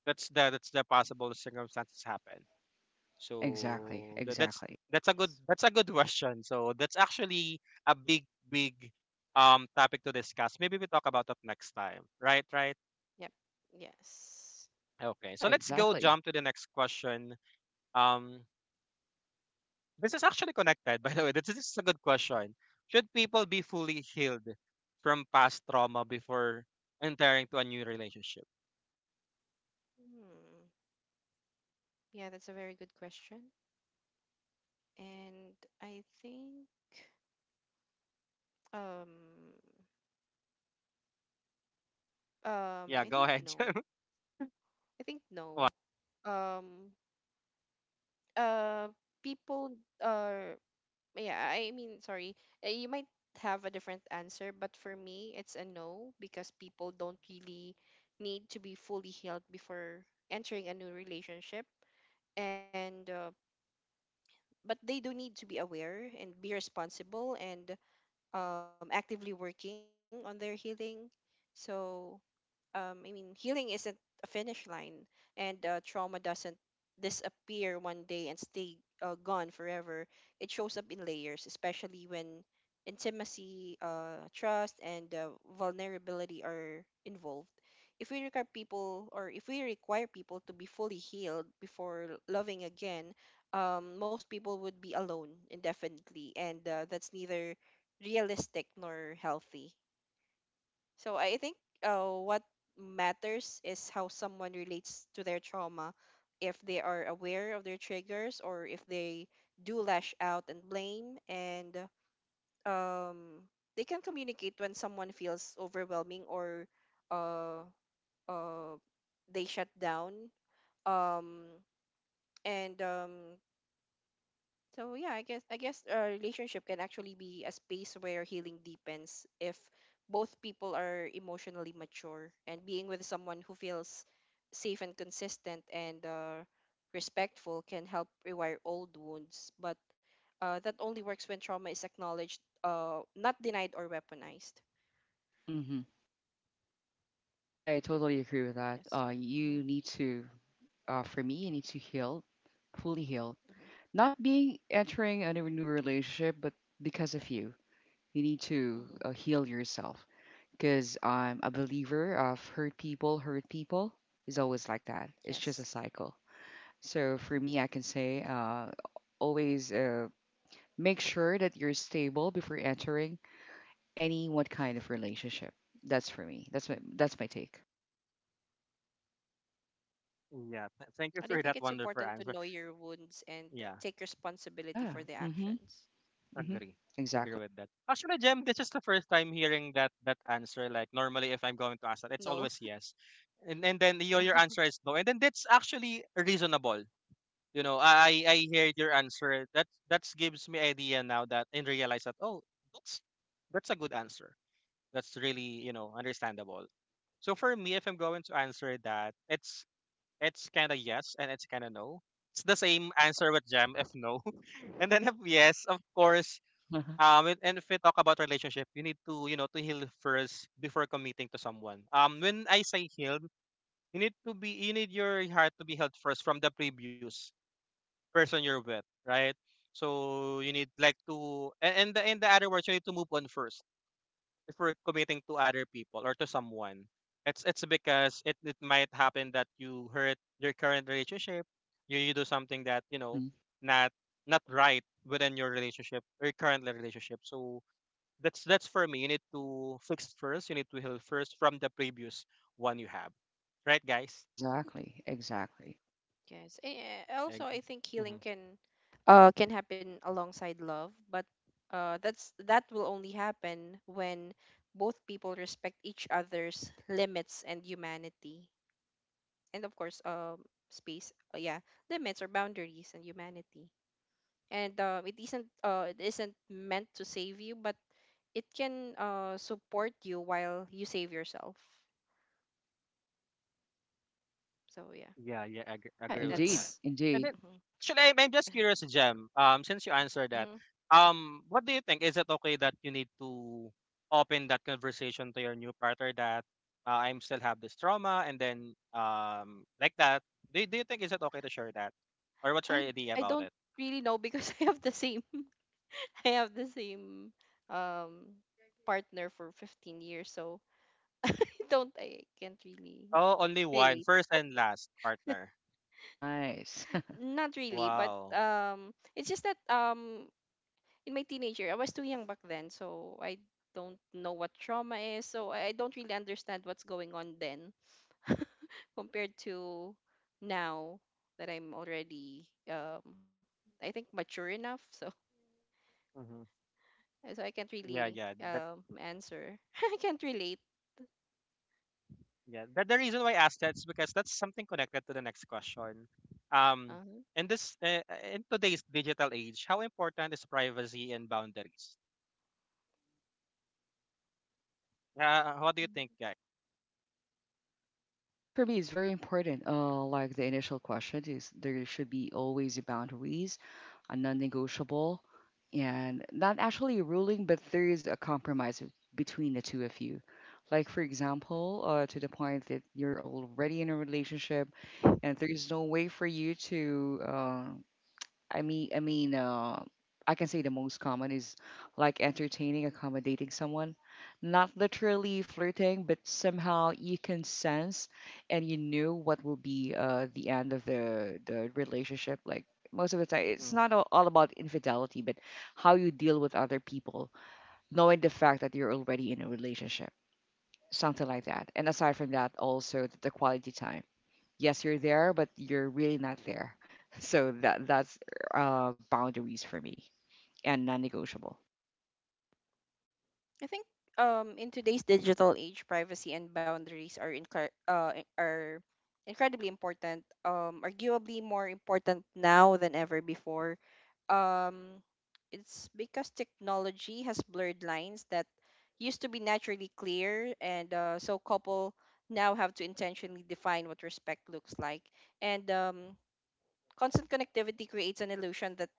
S3: That's the possible circumstances happen.
S2: Exactly.
S3: So that's
S2: Exactly.
S1: Yes.
S3: that's a good question. So that's actually a big topic to discuss. Maybe we talk about that next time. Right, right.
S1: Yep. Yes.
S3: Okay, so
S2: Yeah,
S3: let's go jump
S2: exactly.
S3: to the next question. Um, this is actually connected, by the way. This is a good question. Should people be fully healed from past trauma before entering to a new relationship?
S1: Hmm. Yeah, that's a very good question. And I think, um I
S3: Yeah,
S1: think
S3: go ahead.
S1: no.
S3: Jem.
S1: I think no. Um uh People are... yeah, I mean, sorry. You might have a different answer, but for me, it's a no, because people don't really need to be fully healed before entering a new relationship. And, uh, but they do need to be aware, and be responsible, and actively working on their healing. So, I mean, healing isn't a finish line, and trauma doesn't disappear one day and stay gone forever. It shows up in layers, especially when intimacy, trust, and vulnerability are involved. If we require people, or if we require people to be fully healed before loving again, most people would be alone indefinitely, and that's neither realistic nor healthy. So I think what matters is how someone relates to their trauma. If they are aware of their triggers, or if they do lash out and blame, and um, they can communicate when someone feels overwhelming, or uh, uh, they shut down. Um, and So yeah, I guess, a relationship can actually be a space where healing deepens, if both people are emotionally mature, and being with someone who feels safe and consistent and respectful can help rewire old wounds. But that only works when trauma is acknowledged, not denied or weaponized.
S2: hmm I totally agree with that.
S1: Yes. hmm.
S2: You need to, for me, you need to heal, fully heal.
S1: hmm.
S2: Not being entering a new relationship, but because of you, you need to
S1: hmm.
S2: heal yourself. Because I'm a believer of hurt people is always like that. It's
S1: Yes.
S2: just a cycle. So
S1: hmm.
S2: for me, I can say always make sure that you're stable before entering any what kind of relationship. That's for me. That's my take.
S3: Yeah, thank you
S1: And I
S3: for
S1: think
S3: that
S1: it's
S3: wonderful
S1: important to
S3: answer.
S1: know your wounds and
S3: Yeah,
S1: take responsibility
S2: Yeah.
S1: for the
S2: Mm-hmm.
S1: actions. Mhm.
S2: hmm
S3: agree, agree
S2: Exactly.
S3: with that. Actually, Jem, this is the first time hearing that that answer. Like normally, if I'm going to ask that, it's
S1: No.
S3: always yes, and then
S1: No.
S3: your answer is no, and then that's actually reasonable. You know, I heard
S1: Yes.
S3: your answer. That gives me idea now that and realize that, oh, that's that's a good answer. That's really you know understandable. So for me, if I'm going to answer that, it's kind of yes and it's kind of no. It's the same answer with Jam if no, and then if yes, of course. And if we talk about relationship, you need to you know to heal first before committing to someone. When I say healed, you need to be you need your heart to be healed first from the previous person you're with, right? So you need like to and, in the other words, you need to move on first before committing to other people or to someone. It's because it might happen that you hurt your current relationship, you do something that, you know,
S2: hmm
S3: not not right within your relationship or current relationship. So that's for me. You need to fix first, you need to heal first from the previous one you have. Right, guys?
S2: Exactly. Exactly.
S1: Yes. And also,
S3: Like,
S1: I think healing can happen alongside love, but that will only happen when both people respect each other's limits and humanity. And of course, space, yeah, limits or boundaries and humanity. And it isn't meant to save you, but it can support you while you save yourself. So yeah,
S3: yeah, yeah, I agree,
S2: Yeah,
S3: agree with
S2: indeed.
S3: that.
S1: that's...
S3: And then,
S2: Indeed.
S3: actually, I'm just curious, Jem. Since you answered that,
S1: mhm.
S3: what do you think? Is it okay that you need to open that conversation to your new partner that, I'm still have this trauma, and then like that? Do do you think is it okay to share that, or what's your
S1: I
S3: idea
S1: I
S3: about
S1: don't
S3: it?
S1: really know because I have the same I have the same um partner for 15 years, so I can't really
S3: Oh, only one,
S1: relate.
S3: first and last partner.
S2: Nice.
S1: Not really, but
S3: Wow.
S1: it's just that in my teenager I was too young back then, so I don't know what trauma is, so I don't really understand what's going on then, compared to now, that I'm already I think mature enough. So
S3: Mm-hmm.
S1: So I can't
S3: Yeah, yeah.
S1: really answer. I can't relate.
S3: Yeah, but the reason why I asked that is because
S2: Agree.
S3: that's something connected to the next question. Um,
S1: Uh-huh.
S3: in this in today's digital age, how important is privacy and boundaries? What do you
S1: Mm.
S3: think, guys?
S2: Well, for me, it's very important. Like the initial question is, there should be always boundaries, a non-negotiable, and not actually a ruling, but there is a compromise between the two of you. Like for example, to the point that you're already in a relationship, and there is no way for you to I mean, I mean, uh, I can say the most common is like entertaining, accommodating someone, not literally flirting, but somehow you can sense and you know what will be the end of the relationship. Like most of the time, it's
S3: Mm-hmm.
S2: not all, all about infidelity, but how you deal with other people, knowing the fact that you're already in a relationship, something like that. And aside from that, also the quality time, yes, you're there but you're really not there. So that that's boundaries for me and non-negotiable.
S1: I think in today's digital age, privacy and boundaries are are incredibly important. Arguably more important now than ever before. Um, it's because technology has blurred lines that used to be naturally clear, and so couple now have to intentionally define what respect looks like. And constant connectivity creates an illusion that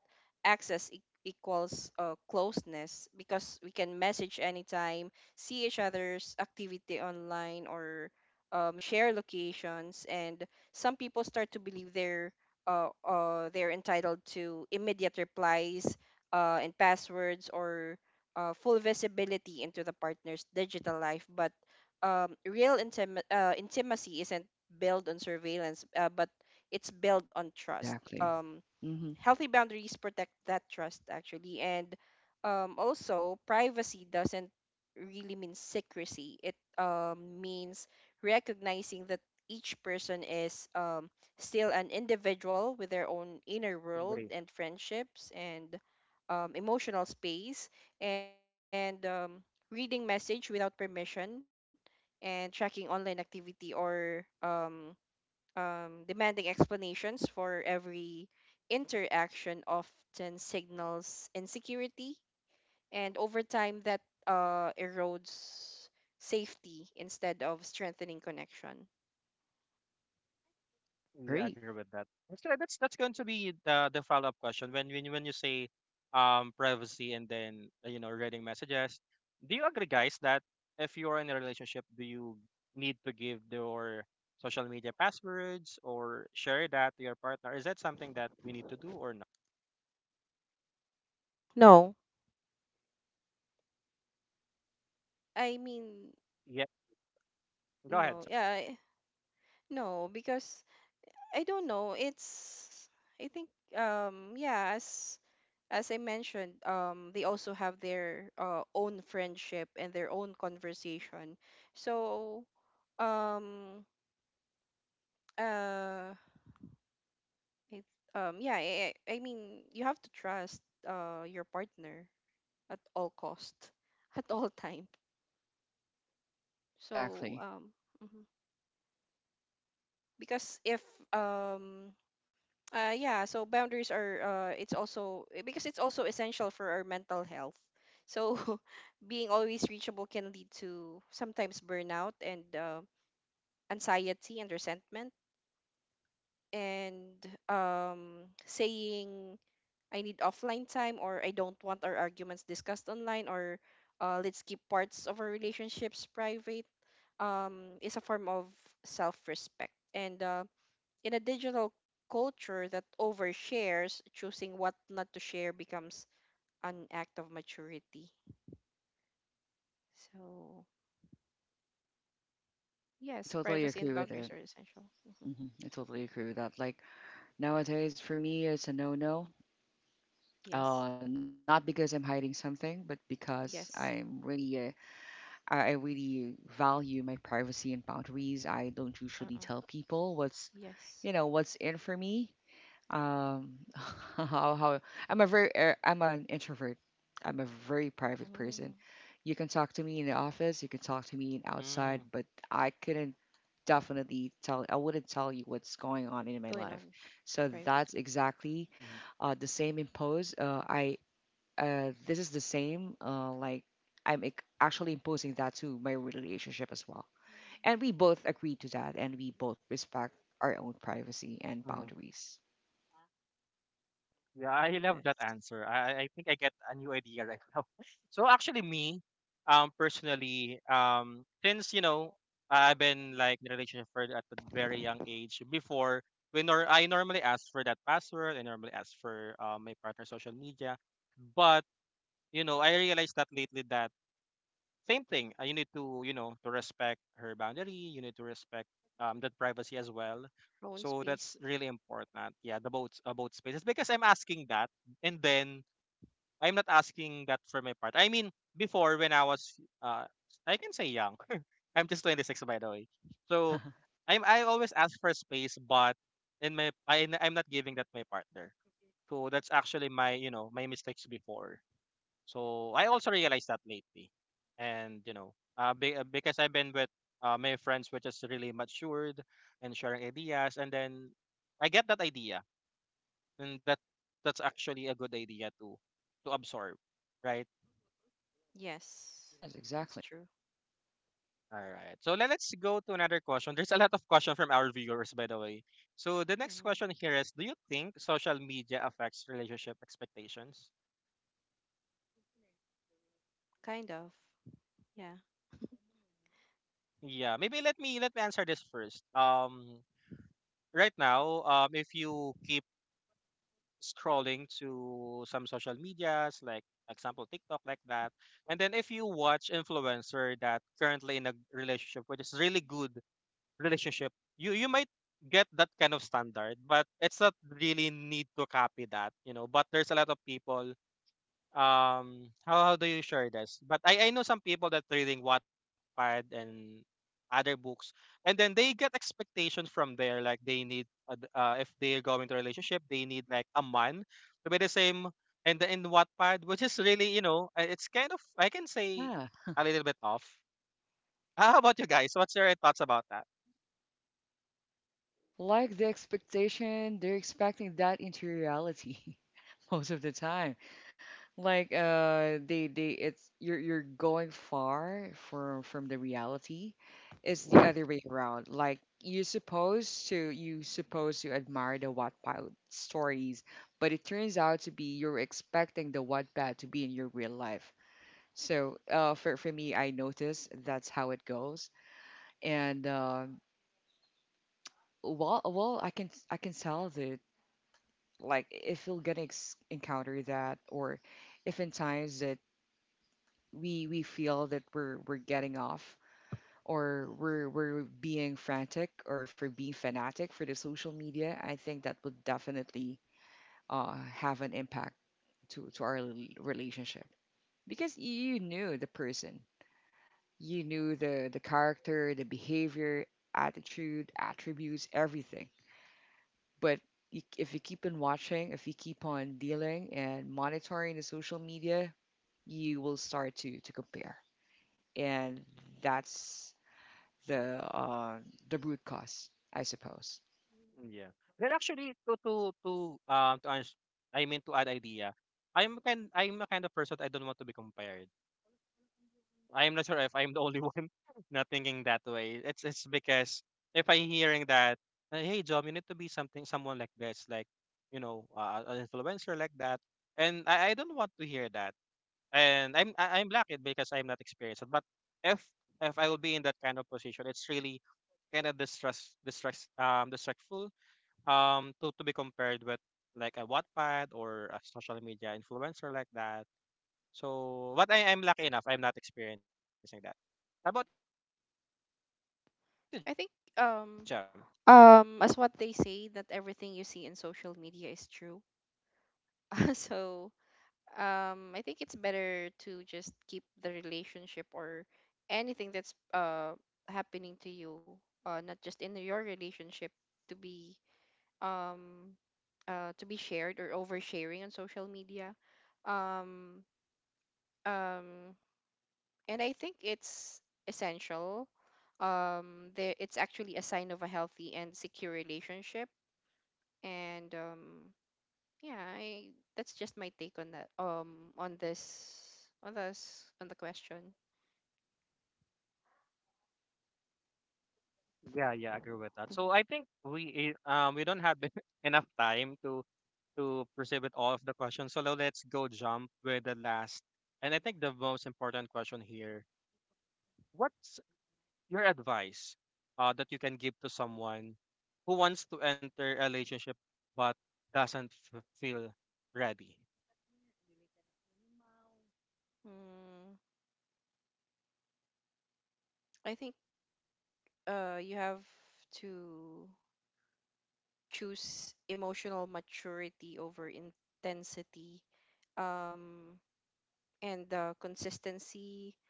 S1: access equals, closeness, because we can message anytime, see each other's activity online, or share locations. And some people start to believe they're entitled to immediate replies, and passwords, or full visibility into the partner's digital life. But real intimacy isn't built on surveillance, but it's built on trust.
S2: Exactly. Mm-hmm.
S1: Healthy boundaries protect that trust, actually. And also, privacy doesn't really mean secrecy. It means recognizing that each person is still an individual with their own inner world,
S3: Agree.
S1: and friendships, and emotional space, and reading message without permission, and tracking online activity, or demanding explanations for every interaction, often signals insecurity. And over time, that erodes safety instead of strengthening connection.
S3: Yeah, I
S2: Great.
S3: agree with that. Actually, that's going to be the follow up question when when you say privacy and then you know reading messages. Do you agree, guys, that if you're in a relationship, do you need to give your social media passwords or share that to your partner? Is that something that we need to do or not?
S1: No, I mean,
S3: Yeah, go ahead.
S1: no, yeah, no, because I don't know. It's... I think yeah, as I mentioned, they also have their own friendship and their own conversation. So um uh it, yeah, I mean, you have to trust your partner at all cost, at all time. So
S2: Exactly.
S1: mhm. Because if um yeah, so boundaries are it's also because it's also essential for our mental health. So being always reachable can lead to sometimes burnout, and anxiety and resentment. And saying, "I need offline time," or "I don't want our arguments discussed online," or "let's keep parts of our relationships private," is a form of self-respect. And in a digital culture that overshares, choosing what not to share becomes an act of maturity. So,
S2: I
S1: yes,
S2: totally
S1: privacy and
S2: agree with
S1: boundaries
S2: it.
S1: are essential. hmm.
S2: Hmm I totally agree with that. Like nowadays for me it's a no-no.
S1: Yes.
S2: Uh, not because I'm hiding something, but because
S1: Yes.
S2: I'm really, I really value my privacy and boundaries. I don't usually
S1: Uh-uh.
S2: tell people what's,
S1: Yes.
S2: you know, what's in for me. Um, how, I'm a very I'm an introvert. I'm a very private person.
S1: Mm.
S2: You can talk to me in the office, you can talk to me in outside, but I couldn't definitely tell, I wouldn't tell you what's going on in my
S1: Going
S2: life.
S1: on
S2: So that's
S1: privately.
S2: exactly
S3: Mm-hmm.
S2: the same impose. I this is the same like I'm actually imposing that to my relationship as well. And we both agree to that and we both respect our own privacy and boundaries.
S3: Yeah, I love that
S1: Yes.
S3: answer. I think I get a new idea right now. So actually, me, personally, since you know, I've been like in a relationship for at a very young age. Before, when I normally ask for that password, I normally ask for my partner's social media, but you know, I realized that lately that same thing. You need to, you know, to respect her boundary. You need to respect that privacy as well.
S1: Own
S3: So
S1: space.
S3: that's really important. Yeah, the both both spaces because I'm asking that, and then I'm not asking that for my part. I mean, before when I was, uh, I can say young. I'm just 26 by the way. So I always ask for space, but in my I'm not giving that my partner. So that's actually my you know my mistakes before. So I also realized that lately, and because I've been with my friends, which is really matured and sharing ideas, and then I get that idea, and that's actually a good idea to absorb, right?
S1: Yes.
S2: Yes,
S1: That's
S2: exactly.
S1: true.
S3: All right. So let, us go to another question. There's a lot of question from our viewers, by the way. So the next
S1: hmm.
S3: question here is: Do you think social media affects relationship expectations?
S1: Kind of. Yeah.
S3: Yeah, maybe let me answer this first. Right now, if you keep scrolling to some social medias like example TikTok like that. And then if you watch influencer that currently in a relationship which is really good relationship, you might get that kind of standard, but it's not really need to copy that. But there's a lot of people how do you share this but I know some people that reading Wattpad and other books and then they get expectations from there like they need if they go into a relationship they need like a man to be the same and the, in Wattpad which is really it's kind of I can say
S2: Yeah.
S3: a little bit off. How about you guys, what's your thoughts about that?
S2: Like the expectation, they're expecting that into reality most of the time. Like, they it's you're going far from the reality. It's the other way around. Like you're supposed to you supposed to admire the Wattpad stories, but it turns out to be you're expecting the Wattpad to be in your real life. So for me I notice that's how it goes. And well, well, I can I can tell that like if you're gonna encounter that, or if in times that we feel that we're getting off, or we're being frantic, or for being fanatic for the social media, I think that would definitely uh have an impact to our relationship because you knew the person, you knew the character, the behavior, attitude, attributes, everything. But if you keep on watching, if you keep on dealing and monitoring the social media, you will start to compare, and that's the uh, the root cause, I suppose.
S3: Yeah, well actually to ans- I mean to add idea. I'm a kind of person, I don't want to be compared. I am not sure if I'm the only one not thinking that way. It's because if I'm hearing that, hey John, you need to be something someone like this, like an influencer like that, and I don't want to hear that. And I'm lucky because I'm not experienced. But if if I will be in that kind of position, it's really kind of distress distress distractful to be compared with like a Wattpad or a social media influencer like that. So, but I'm lucky enough, I'm not experiencing that. How about you, Jam?
S1: I think um as what they say, that everything you see in social media is true. So I think it's better to just keep the relationship, or anything that's happening to you, not just in your relationship, to be um to be shared, or oversharing on social media. um um and I think it's essential. There, it's actually a sign of a healthy and secure relationship. And yeah, I that's just my take on that, on this, on the question.
S3: Yeah, yeah, I agree with that.
S1: Mhm.
S3: So I think we don't have enough time to pursue with all of the questions. So now let's go jump with the last and I think the most important question here. What's your advice that you can give to someone who wants to enter a relationship but doesn't feel ready?
S1: Mm, I think, you have to choose emotional maturity over intensity. um and consistency,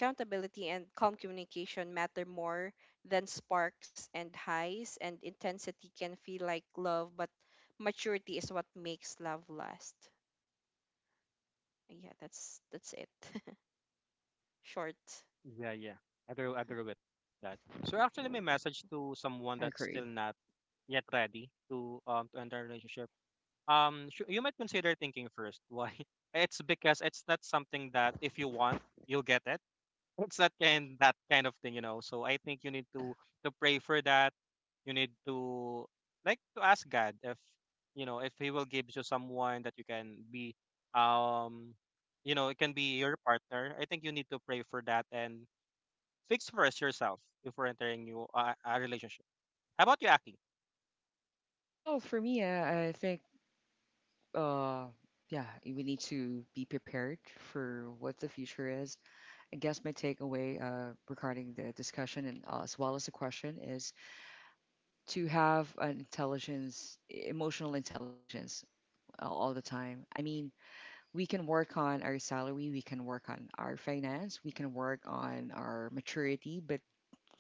S1: accountability, and calm communication matter more than sparks and highs, and intensity can feel like love, but maturity is what makes love last. Yeah, that's it. Short.
S3: Yeah, yeah. I agree with that. So actually my message to someone that's
S2: I
S3: still not
S2: agree.
S3: yet ready to enter a relationship you might consider thinking first why. It's because it's not something that if you want you'll get it. It's that kind of thing, you know. So I think you need
S2: Yeah.
S3: to pray for that. You need to like to ask God if you know if he will give you someone that you can be, um, you know, it can be your partner. I think you need to pray for that and fix first yourself before entering you a relationship. How about you, Aki?
S2: Well, for me, I think, uh, yeah, we need to be prepared for what the future is. I guess my takeaway regarding the discussion and as well as the question is to have an intelligence, emotional intelligence all the time. I mean, we can work on our salary, we can work on our finance, we can work on our maturity, but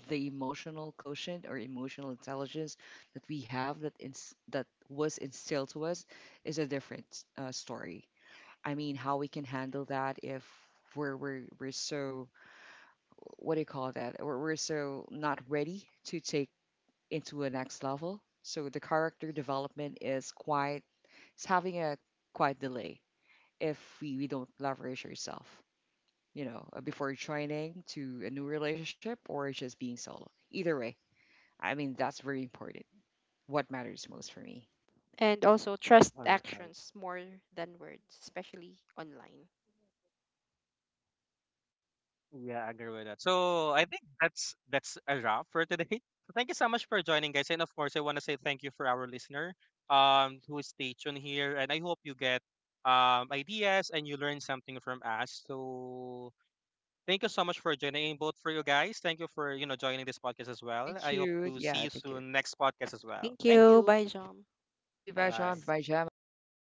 S2: the emotional quotient or emotional intelligence that we have that that was instilled to us is a different story. I mean, how we can handle that if we're so what do you call that? We're so not ready to take into a next level. So the character development is quite it's having a quite delay if we don't leverage ourselves, you know, before joining to a new relationship or just being solo. Either way, I mean, that's very important. What matters most for me.
S1: And also, trust
S3: All right.
S1: actions more than words,
S2: Yep.
S1: especially online.
S3: Yeah, I agree with that. So I think that's a wrap for today. So thank you so much for joining, guys, and of course, I want to say thank you for our listener, who stay tuned here, and I hope you get ideas and you learn something from us. So thank you so much for joining, and both for you guys. Thank you for joining this podcast as well.
S2: Thank
S3: I hope
S2: you.
S3: to see
S2: Yeah,
S3: you
S2: thank you.
S3: soon next podcast as well.
S1: Thank
S3: Thank
S1: you.
S3: you.
S1: Bye, Jom.
S2: Thank you. Bye,
S1: Bye,
S3: Bye.
S2: John.
S1: Akis.
S2: Bye, Gemma. Goodbye.